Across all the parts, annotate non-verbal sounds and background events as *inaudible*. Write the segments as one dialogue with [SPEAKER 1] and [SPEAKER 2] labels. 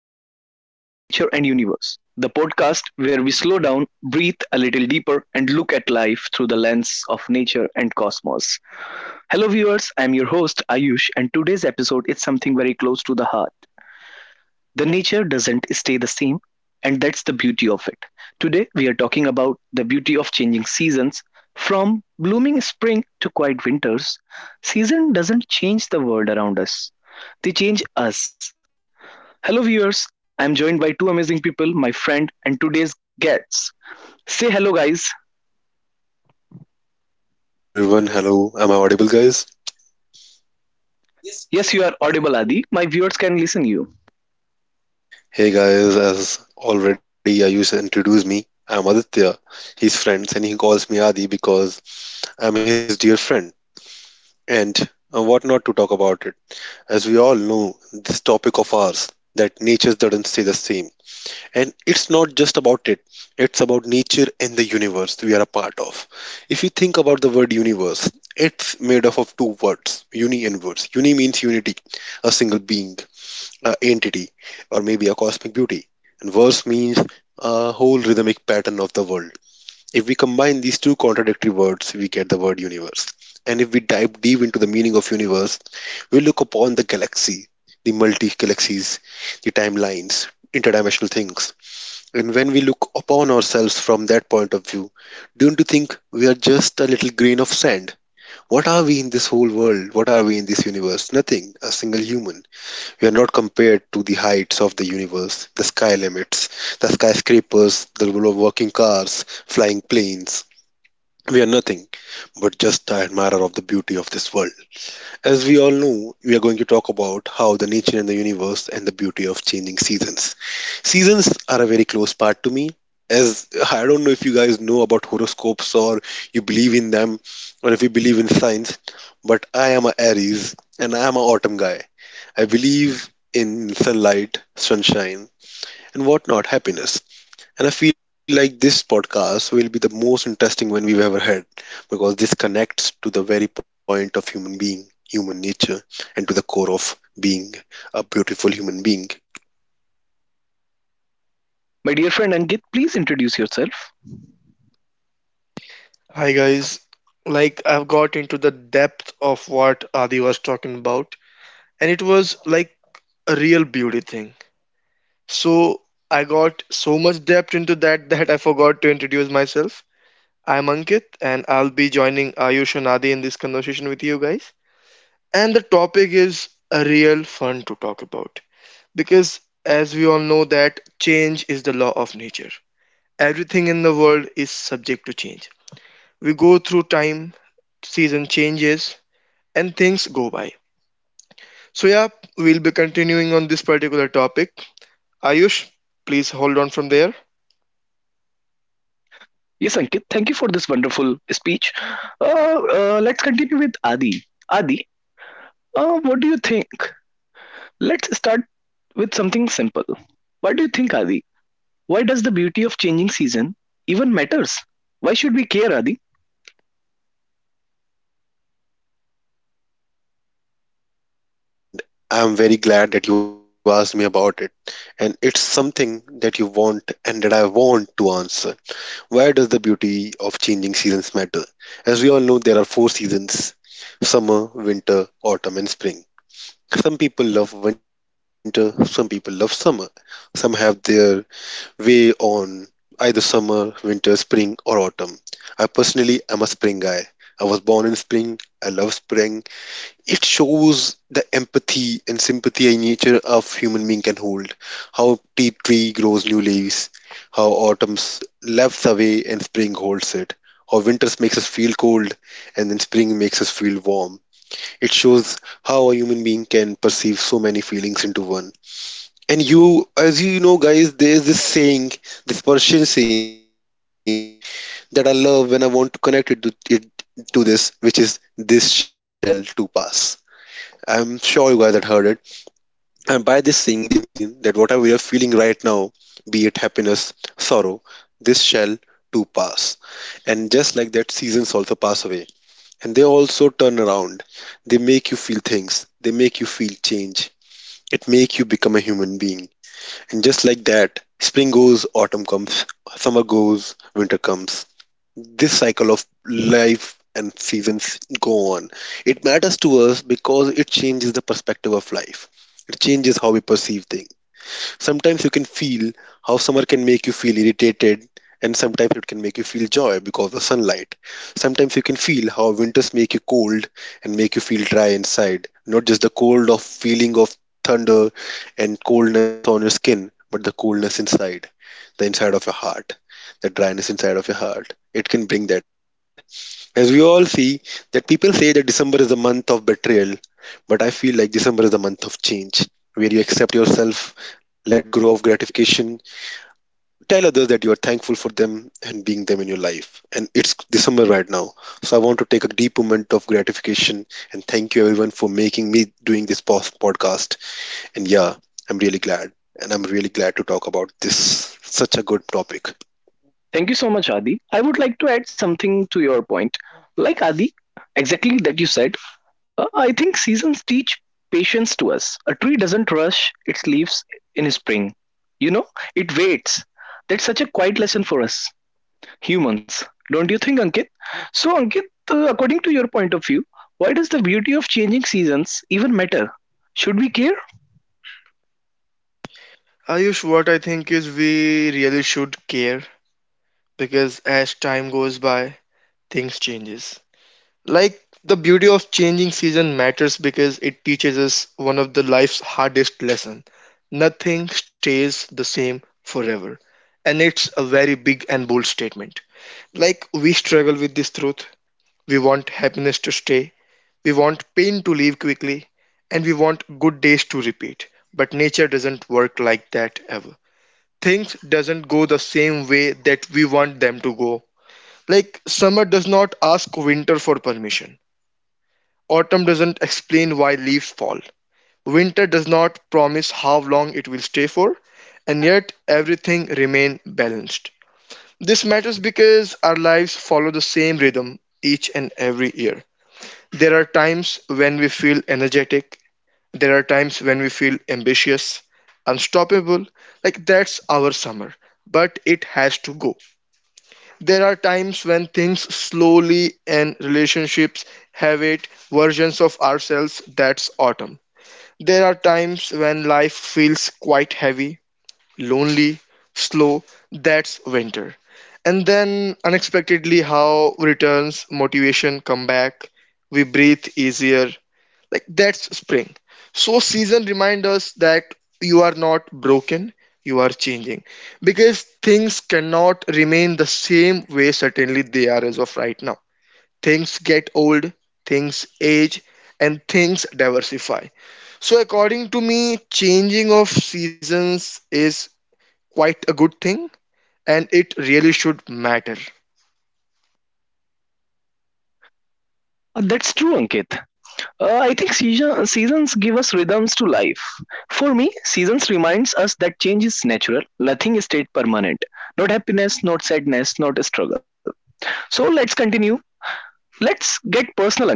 [SPEAKER 1] welcome back to The Nature and Universe, the podcast where we slow down, breathe a little deeper, and look at life through the lens of nature and cosmos. Hello, viewers, I'm your host, Ayush, and today's episode is something very close to the heart. The nature doesn't stay the same, and that's the beauty of it. Today, we are talking about the beauty of changing seasons. From blooming spring to quiet winters, season doesn't change the world around us. They change us. Hello, viewers. I'm joined by two amazing people, my friend and today's guests. Say hello, guys.
[SPEAKER 2] Hello everyone, hello. Am I audible, guys?
[SPEAKER 1] Yes, you are audible, Adi. My viewers can listen you.
[SPEAKER 2] Hey guys, as already Ayush introduced me, I'm Aditya. His friends and he calls me Adi because I'm his dear friend. And what not to talk about it? As we all know, this topic of ours that nature doesn't stay the same. And it's not just about it, it's about nature and the universe we are a part of. If you think about the word universe, it's made up of two words, uni and verse. Uni means unity, a single being, entity or maybe a cosmic beauty. And verse means a whole rhythmic pattern of the world. If we combine these two contradictory words, we get the word universe. And if we dive deep into the meaning of universe, we look upon the galaxy, the multi galaxies, the timelines, interdimensional things. And when we look upon ourselves from that point of view, don't you think we are just a little grain of sand? What are we in this whole world? What are we in this universe? Nothing, a single human. We are not compared to the heights of the universe, the sky limits, the skyscrapers, the working cars, flying planes. We are nothing but just the admirer of the beauty of this world. As we all know, we are going to talk about how the nature and the universe and the beauty of changing seasons. Seasons are a very close part to me. As I don't know if you guys know about horoscopes or you believe in them, or if you believe in science, but I am a Aries and I am an autumn guy. I believe in sunlight, sunshine, and whatnot, happiness. And I feel like this podcast will be the most interesting one we've ever had, because this connects to the very point of human being, human nature, and to the core of being a beautiful human being.
[SPEAKER 1] My dear friend Ankit, please introduce yourself.
[SPEAKER 3] Hi guys, like I've got into the depth of what Adi was talking about, and it was like a real beauty thing. So I got so much depth into that *laughs* that I forgot to introduce myself. I'm Ankit, and I'll be joining Ayush and Adi in this conversation with you guys. And the topic is a real fun to talk about because, as we all know, that change is the law of nature. Everything in the world is subject to change, we go through time, season changes, and things go by. So, yeah, we'll be continuing on this particular topic. Ayush, please hold on from there.
[SPEAKER 1] Yes, Ankit, thank you for this wonderful speech. Uh, let's continue with Adi. Adi, what do you think? Let's start with something simple. What do you think, Adi? Why does the beauty of changing season even matters? Why should we care, Adi?
[SPEAKER 2] What a beautiful thing to ask, isn't it? And I'm very glad that you asked me about it. And it's something that you want and that I want to answer. Why does the beauty of changing seasons matter? As we all know, there are four seasons: summer, winter, autumn, and spring. Some people love winter, some people love summer. Some have their way on either summer, winter, spring, or autumn. I personally am a spring guy. I was born in spring. I love spring. It shows the empathy and sympathy and nature of human being can hold. How tea tree grows new leaves, how autumn laps away and spring holds it. How winters makes us feel cold, and then spring makes us feel warm. It shows how a human being can perceive so many feelings into one. And you, as you know, guys, there is this saying, this Persian saying that I love when I want to connect it to, this, which is "this shall too pass." I'm sure you guys had heard it. And by this saying, they mean that whatever you're feeling right now, be it happiness, sorrow, this shall too pass. And just like that, seasons also pass away. And they also turn around. They make you feel things. They make you feel change. It make you become a human being. And just like that, spring goes, autumn comes, summer goes, winter comes. This cycle of life and seasons go on. It matters to us because it changes the perspective of life. It changes how we perceive things. Sometimes you can feel how summer can make you feel irritated, and sometimes it can make you feel joy because of sunlight. Sometimes you can feel how winters make you cold and make you feel dry inside, not just the cold of feeling of thunder and coldness on your skin, but the coolness inside, the inside of your heart, the dryness inside of your heart, it can bring that. As we all see, that people say that December is the month of betrayal, but I feel like December is the month of change, where you accept yourself, let go of gratification, tell others that you are thankful for them and being them in your life. And it's December right now, so I want to take a deep moment of gratification and thank you everyone for making me doing this podcast. And yeah, I'm really glad, and I'm really glad to talk about this such a good topic.
[SPEAKER 1] Thank you so much, Adi. I would like to add something to your point. Like Adi, exactly that you said, I think seasons teach patience to us. A tree doesn't rush its leaves in spring. You know, it waits. That's such a quiet lesson for us humans. Don't you think, Ankit? So, Ankit, according to your point of view, why does the beauty of changing seasons even matter? Should we care?
[SPEAKER 3] Ayush, what I think is we really should care because as time goes by, things changes. Like the beauty of changing season matters because it teaches us one of the life's hardest lesson. Nothing stays the same forever. And it's a very big and bold statement. Like we struggle with this truth. We want happiness to stay. We want pain to leave quickly. And we want good days to repeat. But nature doesn't work like that ever. Things doesn't go the same way that we want them to go. Like summer does not ask winter for permission. Autumn doesn't explain why leaves fall. Winter does not promise how long it will stay for, and yet everything remains balanced. This matters because our lives follow the same rhythm each and every year. There are times when we feel energetic, there are times when we feel ambitious, unstoppable, like that's our summer, but it has to go. There are times when things slowly and relationships have it versions of ourselves, that's autumn. There are times when life feels quite heavy, lonely, slow, that's winter. And then unexpectedly how returns motivation come back, we breathe easier, like that's spring. So season remind us that you are not broken, you are changing. Because things cannot remain the same way certainly they are as of right now. Things get old, things age, and things diversify. So according to me, changing of seasons is quite a good thing, and it really should matter.
[SPEAKER 1] That's true, Ankit. I think seasons give us rhythms to life. For me, seasons reminds us that change is natural. Nothing is stayed permanent. Not happiness, not sadness, not struggle. So let's continue. Let's get personal, Ankit.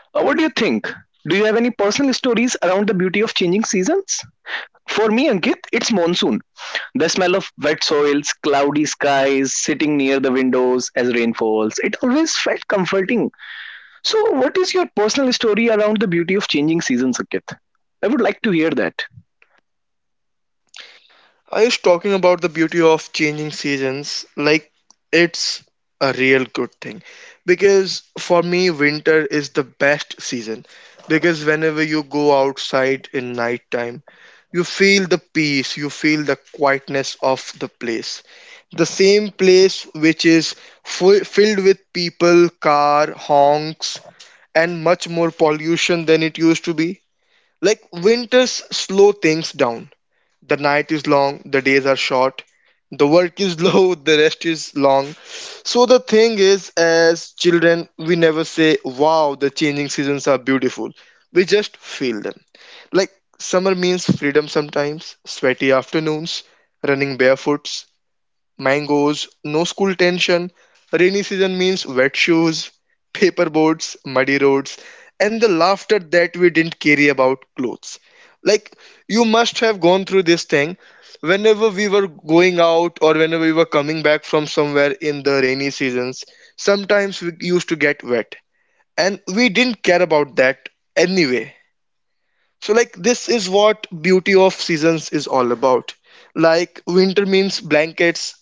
[SPEAKER 1] What do you think? Do you have any personal stories around the beauty of changing seasons? For me, Ankit, it's monsoon. The smell of wet soils, cloudy skies, sitting near the windows as rain falls. It always felt comforting. So, what is your personal story around the beauty of changing seasons, Ankit? I would like to hear that.
[SPEAKER 3] I was talking about the beauty of changing seasons, like it's a real good thing. Because for me, winter is the best season. Because whenever you go outside in nighttime, you feel the peace, you feel the quietness of the place. The same place which is full, filled with people, car, honks, and much more pollution than it used to be. Like winters slow things down. The night is long, the days are short, the work is *laughs* low, the rest is long. So the thing is, as children, we never say, wow, the changing seasons are beautiful. We just feel them. Like summer means freedom sometimes, sweaty afternoons, running barefoots, mangoes, no school tension, rainy season means wet shoes, paper boats, muddy roads, and the laughter that we didn't carry about clothes. Like, you must have gone through this thing whenever we were going out or whenever we were coming back from somewhere in the rainy seasons. Sometimes we used to get wet, and we didn't care about that anyway. So, like, this is what beauty of seasons is all about. Like, winter means blankets,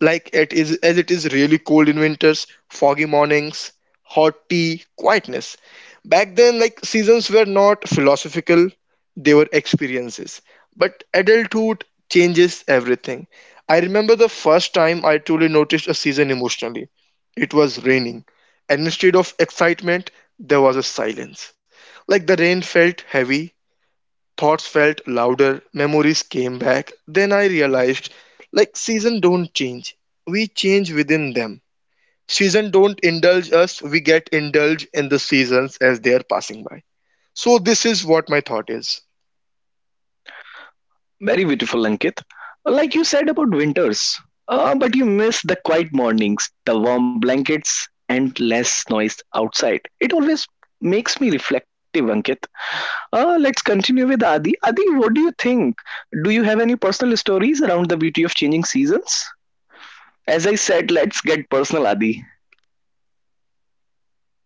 [SPEAKER 3] like it is, as it is really cold in winters, foggy mornings, hot tea, quietness. Back then, like seasons were not philosophical, they were experiences. But adulthood changes everything. I remember the first time I truly noticed a season emotionally. It was raining, and instead of excitement, there was a silence. Like the rain felt heavy, thoughts felt louder, memories came back. Then I realized like season don't change. We change within them. Season don't indulge us, we get indulged in the seasons as they are passing by. So this is what my thought is.
[SPEAKER 1] Very beautiful, Ankit. Like you said about winters, but you miss the quiet mornings, the warm blankets, and less noise outside. It always makes me reflective, Ankit. Let's continue with Adi. Adi, what do you think? Do you have any personal stories around the beauty of changing seasons? As I said, let's get personal, Adi.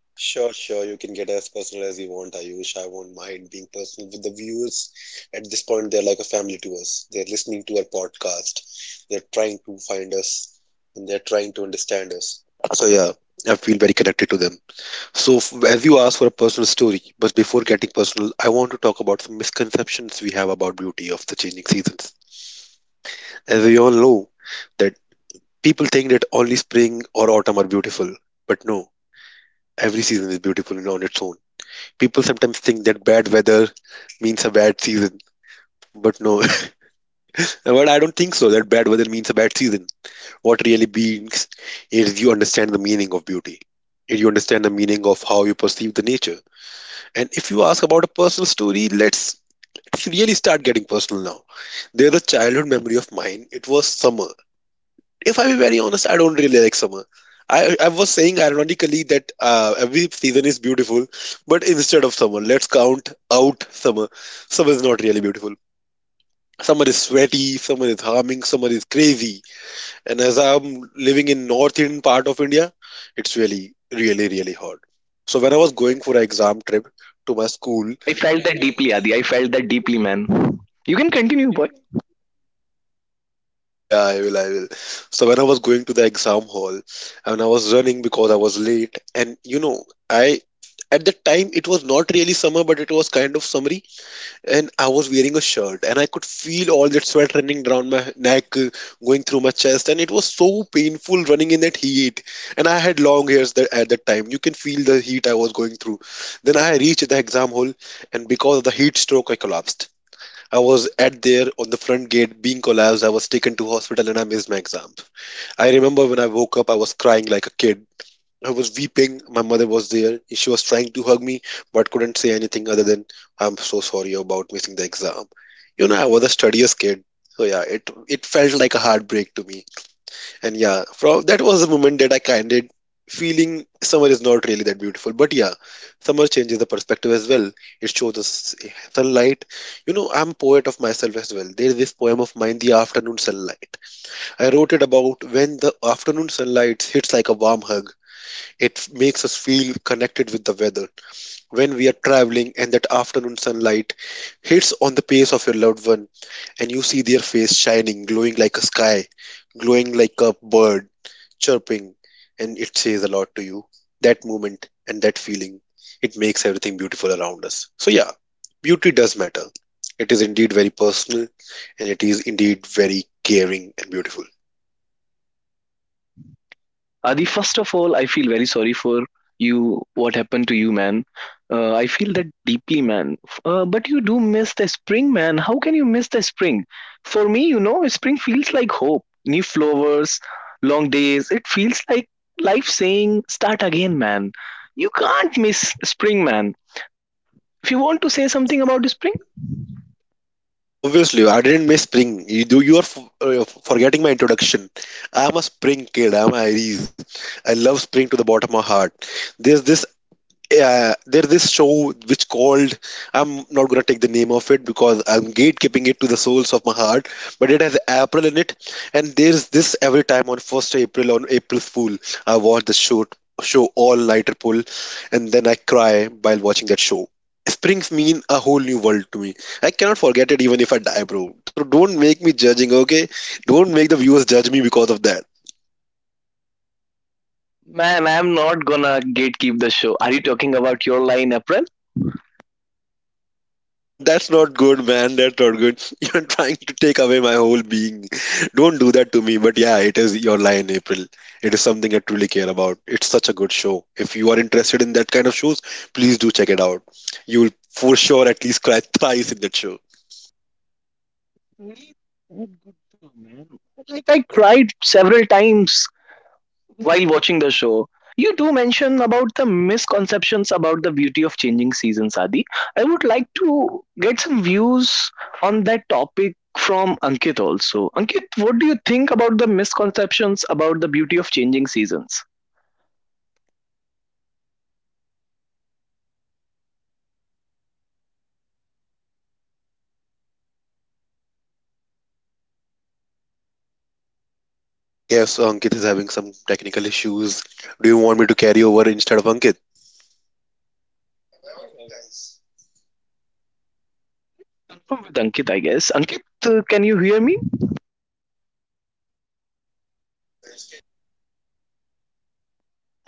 [SPEAKER 2] Sure, sure. You can get as personal as you want, Ayush. I won't mind being personal with the viewers. At this point, they're like a family to us. They're listening to our podcast. They're trying to find us and they're trying to understand us. So, yeah, I feel very connected to them. So, as you asked for a personal story, but before getting personal, I want to talk about some misconceptions we have about beauty of the changing seasons. As we all know, that people think that only spring or autumn are beautiful, but no, every season is beautiful on its own. People sometimes think that bad weather means a bad season, but no. *laughs* But I don't think so that bad weather means a bad season. What really means is you understand the meaning of beauty, and you understand the meaning of how you perceive the nature. And if you ask about a personal story, let's really start getting personal now. There's a childhood memory of mine. It was summer. If I be very honest, I don't really like summer. I was saying ironically that every season is beautiful, but instead of summer, let's count out summer. Summer is not really beautiful. Summer is sweaty, summer is harming, summer is crazy. And as I'm living in northern part of India, it's really, really, really hard. So when I was going for an exam trip to my school,
[SPEAKER 1] I felt that deeply, Adi. I felt that deeply, man. You can continue, boy.
[SPEAKER 2] yeah, yeah, I will, I will. So when I was going to the exam hall and I was running because I was late, and you know, I, at that time it was not really summer, but it was kind of summery, and I was wearing a shirt, and I could feel all that sweat running down my neck, going through my chest, and it was so painful running in that heat. And I had long hairs that, at that time. You can feel the heat I was going through. Then I reached the exam hall, and because of the heat stroke, I collapsed. I was at there on the front gate being collapsed. I was taken to hospital and I missed my exam. I remember when I woke up, I was crying like a kid. I was weeping. My mother was there. She was trying to hug me, but couldn't say anything other than, I'm so sorry about missing the exam. You know, I was a studious kid. So yeah, it felt like a heartbreak to me. And yeah, from that was the moment that I kind of feeling summer is not really that beautiful. But yeah, summer changes the perspective as well. It shows us sunlight. You know, I'm poet of myself as well. There is this poem of mine, The Afternoon Sunlight. I wrote it about when the afternoon sunlight hits like a warm hug. It makes us feel connected with the weather when we are traveling, and that afternoon sunlight hits on the face of your loved one, and you see their face shining, glowing like a sky, glowing like a bird, chirping, and it says a lot to you. That moment and that feeling, it makes everything beautiful around us. So, yeah, beauty does matter. It is indeed very personal, and it is indeed very caring and beautiful.
[SPEAKER 1] Adi, first of all, I feel very sorry for you. What happened to you, man? I feel that deeply, man. But you do miss the spring, man. How can you miss the spring? For me, you know, spring feels like hope, new flowers, long days. It feels like life saying, "Start again, man." You can't miss spring, man. If you want to say something about the spring,
[SPEAKER 2] Obviously, I didn't miss spring. You do. You are forgetting my introduction. I am a spring kid. I am Aries. I love spring to the bottom of my heart. There's this there this show which called, I'm not gonna take the name of it because I'm gatekeeping it to the souls of my heart, but it has April in it, and there's this every time on first April on April Fool. I watch the show all nighter pull, and then I cry while watching that show. Springs mean a whole new world to me. I cannot forget it even if I die, bro. So don't make me judging, okay? Don't make the viewers judge me because of that.
[SPEAKER 1] man, I'm not gonna gatekeep the show. Are you talking about your line, April?
[SPEAKER 2] That's not good, man. That's not good. *laughs* You're trying to take away my whole being. *laughs* Don't do that to me. But yeah, it is your line, April. It is something I truly care about. It's such a good show. If you are interested in that kind of shows, please do check it out. You will for sure at least cry *laughs* thrice in that show.
[SPEAKER 1] Really that good too, man. Like I cried several times while watching the show, you do mention about the misconceptions about the beauty of changing seasons, Adi. I would like to get some views on that topic from Ankit also. Ankit, what do you think about the misconceptions about the beauty of changing seasons?
[SPEAKER 2] I guess Ankit is having some technical issues. Do you want me to carry over instead of Ankit?
[SPEAKER 1] With Ankit, I guess. Ankit, can you hear me?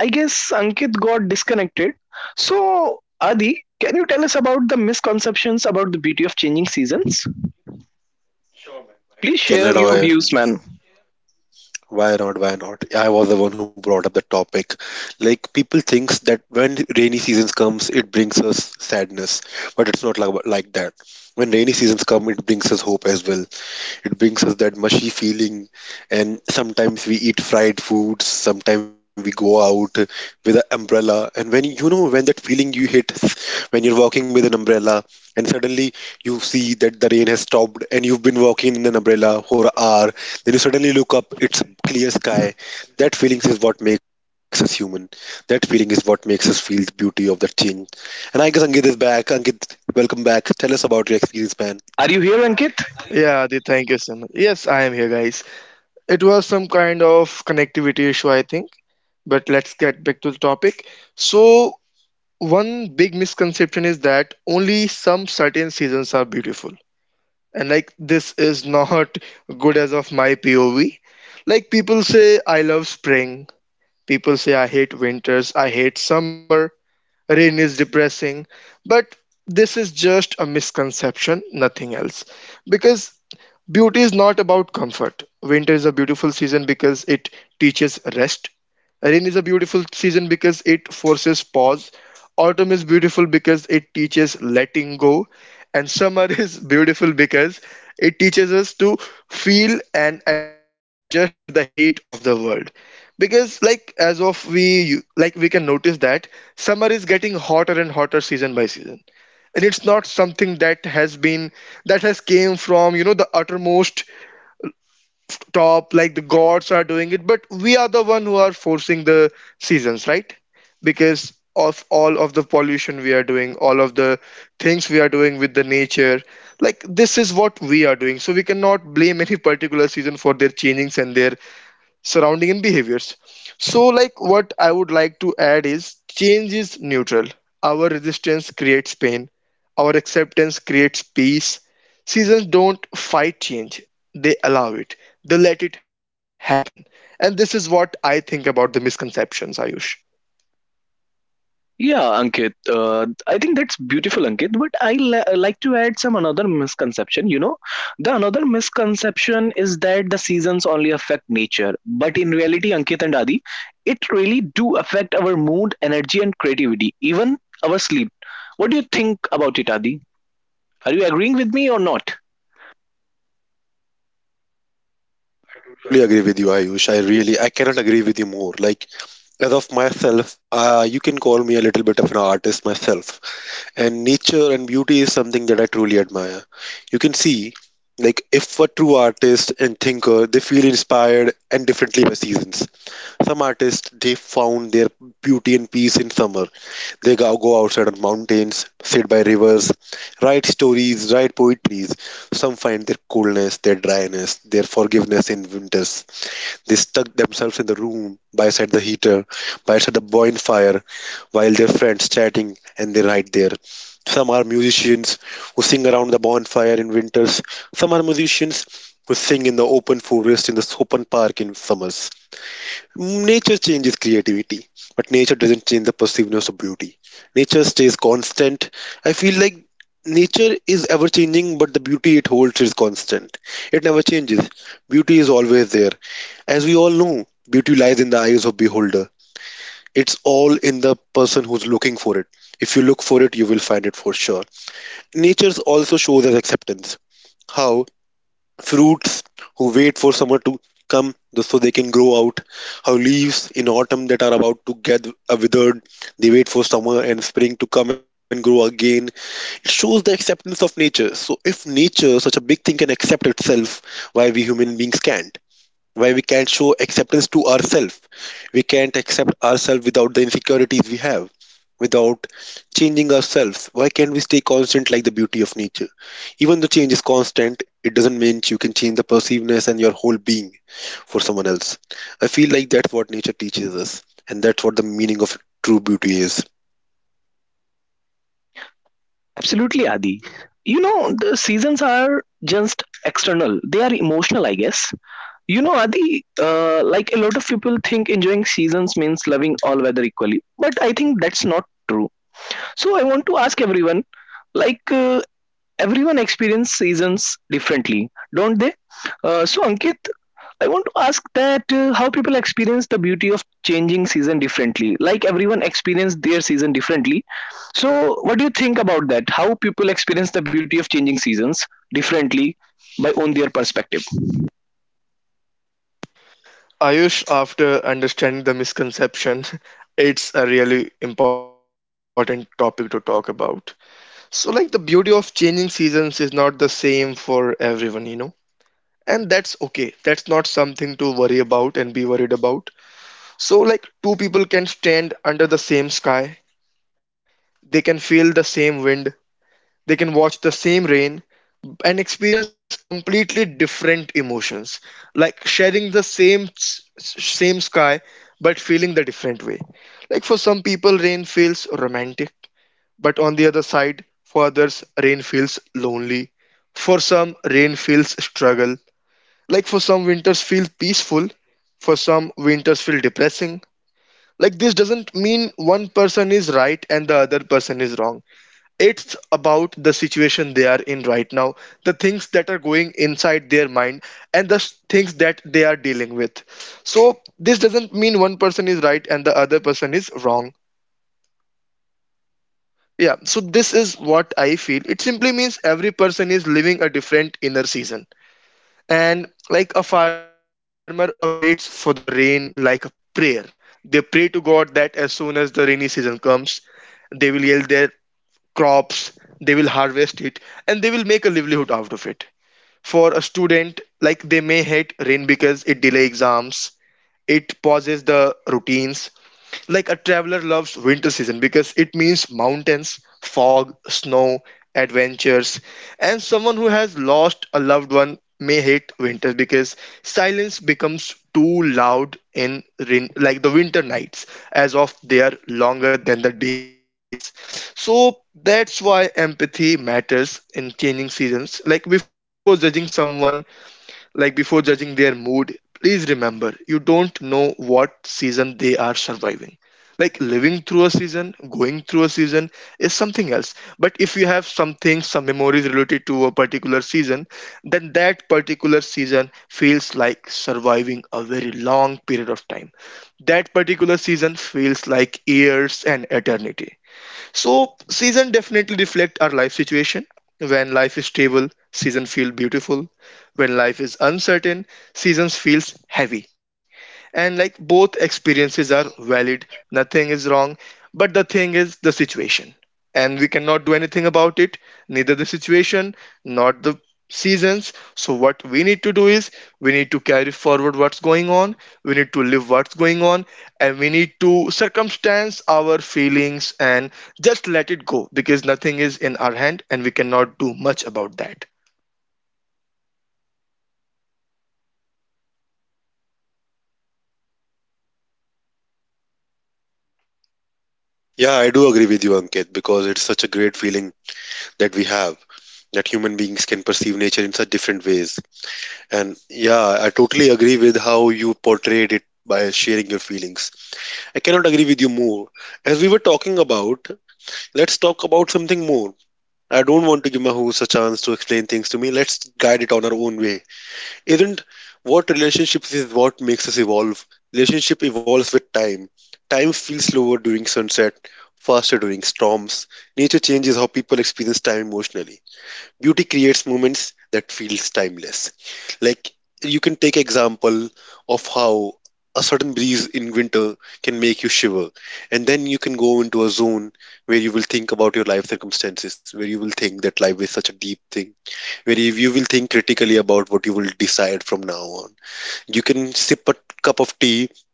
[SPEAKER 1] I guess Ankit got disconnected. So, Adi, can you tell us about the misconceptions about the beauty of changing seasons?
[SPEAKER 2] Sure, man.
[SPEAKER 1] Please
[SPEAKER 2] Why cannot
[SPEAKER 1] share your
[SPEAKER 2] I?
[SPEAKER 1] views, man.
[SPEAKER 2] Why not? Why not? I was the one who brought up the topic. Like people thinks that when rainy seasons comes, it brings us sadness, but it's not like that. When rainy seasons come, it brings us hope as well. It brings us that mushy feeling, and sometimes we eat fried foods, sometimes we go out with an umbrella. And when when that feeling you hit when you're walking with an umbrella, and suddenly you see that the rain has stopped, and you've been walking in an umbrella for an hour, then you suddenly look up, it's a clear sky. That feeling is what makes us human. That feeling is what makes us feel the beauty of that change. And I guess Ankit is back. Ankit, welcome back. Tell us about your experience, man.
[SPEAKER 1] Are you here, Ankit?
[SPEAKER 3] Yeah, Adi, thank you so much. Yes, I am here guys. It was some kind of connectivity issue I think, but let's get back to the topic. So one big misconception is that only some certain seasons are beautiful, and like this is not good as of my POV. Like people say I love spring, people say I hate winters, I hate summer, rain is depressing, but this is just a misconception, nothing else. Because beauty is not about comfort. Winter is a beautiful season because it teaches rest. Rain is a beautiful season because it forces pause. Autumn is beautiful because it teaches letting go. And summer *laughs* is beautiful because it teaches us to feel and adjust to the heat of the world. Because, like, we can notice that summer is getting hotter and hotter season by season. And it's not something that that has came from, you know, the uttermost top, like the gods are doing it, but we are the one who are forcing the seasons, right, because of all of the pollution we are doing, all of the things we are doing with the nature. Like this is what we are doing, so we cannot blame any particular season for their changings and their surrounding and behaviors. So like what I would like to add is change is neutral, our resistance creates pain, our acceptance creates peace. Seasons don't fight change, they allow it, they let it happen. And this is what I think about the misconceptions, Ayush.
[SPEAKER 1] Yeah, Ankit. I think that's beautiful, Ankit. But like to add some another misconception. You know, the another misconception is that the seasons only affect nature, but in reality, Ankit and Adi, it really do affect our mood, energy, and creativity, even our sleep. What do you think about it, Adi? Are you agreeing with me or not?
[SPEAKER 2] I truly agree with you, Ayush. I really, I cannot agree with you more. Like, as of myself, you can call me a little bit of an artist myself. And nature and beauty is something that I truly admire. You can see, like, if a true artist and thinker, they feel inspired and differently by seasons. Some artists, they found their beauty and peace in summer. They go outside on mountains, sit by rivers, write stories, write poetries. Some find their coolness, their dryness, their forgiveness in winters. They stuck themselves in the room by side the heater, by side the bonfire, while their friends chatting and they write there. Some are musicians who sing around the bonfire in winters. Some are musicians who sing in the open forest in the open park in summers. Nature changes creativity, but nature doesn't change the perceiveness of beauty. Nature stays constant. I feel like nature is ever changing, but the beauty it holds is constant. It never changes. Beauty is always there. As we all know, beauty lies in the eyes of beholder. It's all in the person who's looking for it. If you look for it, you will find it for sure. Nature also shows us acceptance. How fruits who wait for summer to come so they can grow out, how leaves in autumn that are about to get withered, they wait for summer and spring to come and grow again. It shows the acceptance of nature. So if nature, such a big thing, can accept itself, why we human beings can't? Where we can show acceptance to ourselves. We can't accept ourselves without the insecurities we have, without changing ourselves. Why can't we stay constant like the beauty of nature? Even though change is constant, it doesn't mean you can change the perceiveness and your whole being for someone else. I feel like that's what nature teaches us, and that's what the meaning of true beauty is.
[SPEAKER 1] Absolutely, Adi. You know, the seasons are just external. They are emotional, I guess. You know, Adi, like a lot of people think enjoying seasons means loving all weather equally. But I think that's not true. So I want to ask everyone, like, uh, everyone experience seasons differently, don't they? So Ankit, I want to ask that how people experience the beauty of changing season differently. Like everyone experience their season differently. So, what do you think about that? How people experience the beauty of changing seasons differently by on their perspective?
[SPEAKER 3] Ayush, after understanding the misconception, *laughs* it's a really important topic to talk about. So, like, the beauty of changing seasons is not the same for everyone, you know? And that's okay. That's not something to worry about and be worried about. So, like, two people can stand under the same sky, they can feel the same wind, they can watch the same rain and experience completely different emotions, like sharing same sky but feeling the different way. Like for some people rain feels romantic, but on the other side, for others, rain feels lonely, for some rain feels struggle. Like for some winters feel peaceful, for some winters feel depressing. Like this doesn't mean one person is right and the other person is wrong, it's about the situation they are in right now, the things that are going inside their mind, and things that they are dealing with. So, this doesn't mean one person is right and the other person is wrong. Yeah, so this is what I feel. It simply means every person is living a different inner season. And like a farmer awaits for the rain like a prayer, they pray to God that as soon as the rainy season comes, they will yield their crops, they will harvest it and they will make a livelihood out of it. For a student, like they may hate rain because it delay exams, it pauses the routines. Like a traveler loves winter season because it means mountains, fog, snow, adventures. And someone who has lost a loved one may hate winter because silence becomes too loud in rain, like the winter nights as of they are longer than the days. So that's why empathy matters in changing seasons. Like before judging someone, like before judging their mood, please remember you don't know what season they are surviving, like living through a season, going through a season is something else. But if you have something, some memories related to a particular season, then that particular season feels like surviving a very long period of time, that particular season feels like years and eternity. So season definitely reflect our life situation. When life is stable, season feel beautiful. When life is uncertain, seasons feels heavy, and like both experiences are valid, nothing is wrong, but the thing is the situation, and we cannot do anything about it, neither the situation not the seasons. So what we need to do is, we need to carry forward what's going on, we need to live what's going on, and we need to circumstance our feelings and just let it go because nothing is in our hand and we cannot do much about that.
[SPEAKER 1] Yes, Ankit, I do agree with you, man. I think everyone experiences the season differently,
[SPEAKER 2] Yeah, I do agree with you, Ankit, because it's such a great feeling that we have, that human beings can perceive nature in such different ways. And yeah, I totally agree with how you portrayed it by sharing your feelings. I cannot agree with you more. As we were talking about, let's talk
[SPEAKER 1] guys.
[SPEAKER 2] about something
[SPEAKER 1] I
[SPEAKER 2] more.
[SPEAKER 1] am audible,
[SPEAKER 2] I don't want to give my host a chance to explain things to me. Let's guide it on our own way. Isn't what relationships is what makes us evolve? Relationship
[SPEAKER 1] guys. I am
[SPEAKER 2] evolves with
[SPEAKER 1] audible,
[SPEAKER 2] time. Time feels slower during sunset,
[SPEAKER 1] guys.
[SPEAKER 2] faster during
[SPEAKER 1] Do you listen me?
[SPEAKER 2] storms. Nature changes how people experience time emotionally. Beauty creates moments that feels timeless. Like, you can take example of how a sudden breeze in winter can make you shiver, and then you can go into a zone where you will think about your life circumstances, where you will think that life is such a deep thing, where you will think critically about what you will decide from now on. You can sip a cup
[SPEAKER 1] Yes,
[SPEAKER 2] of
[SPEAKER 1] I am
[SPEAKER 2] tea
[SPEAKER 1] audible to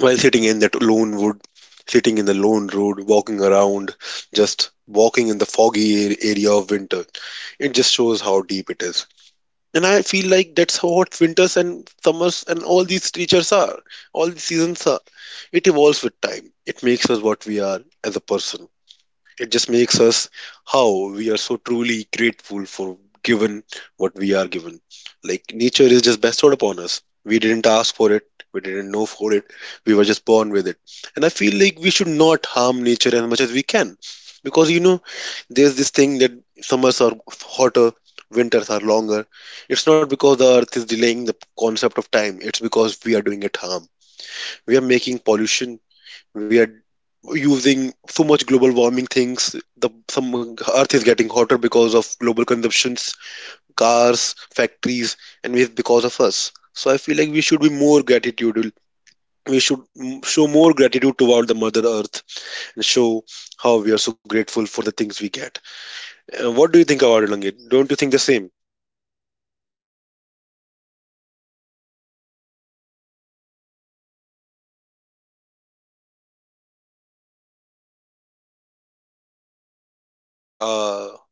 [SPEAKER 2] while sitting in that lone wood, sitting in the lone road, walking around, just walking in the foggy area of winter. It just shows how deep it is. And I feel like that's how what winters and summers and all these creatures are, all these seasons are. It evolves with time. It makes us what we are as a person. It just makes us how we are so truly grateful for given what we are given. Like nature is just bestowed upon us. We didn't ask for it. We didn't know for it. We were just born with it. And I feel like we should not harm nature as much as we can. Because you know, there's this thing that summers are hotter, winters are longer. It's not because the earth is delaying the concept of time, it's because we are doing it harm. We are making pollution, we are using so much global warming things. The some earth is getting hotter because of global consumptions, cars, factories, and waste because of us. So I feel like we should be more gratitude, we should show more gratitude toward the mother earth, and show how we are so grateful for the things we get. What do you think about it, langit, don't you think the same?
[SPEAKER 3] Yeah, Adi, I think the same because, like, the thing is, seasons are not changing, they are being forced on. Isn't it what you think?
[SPEAKER 2] uh,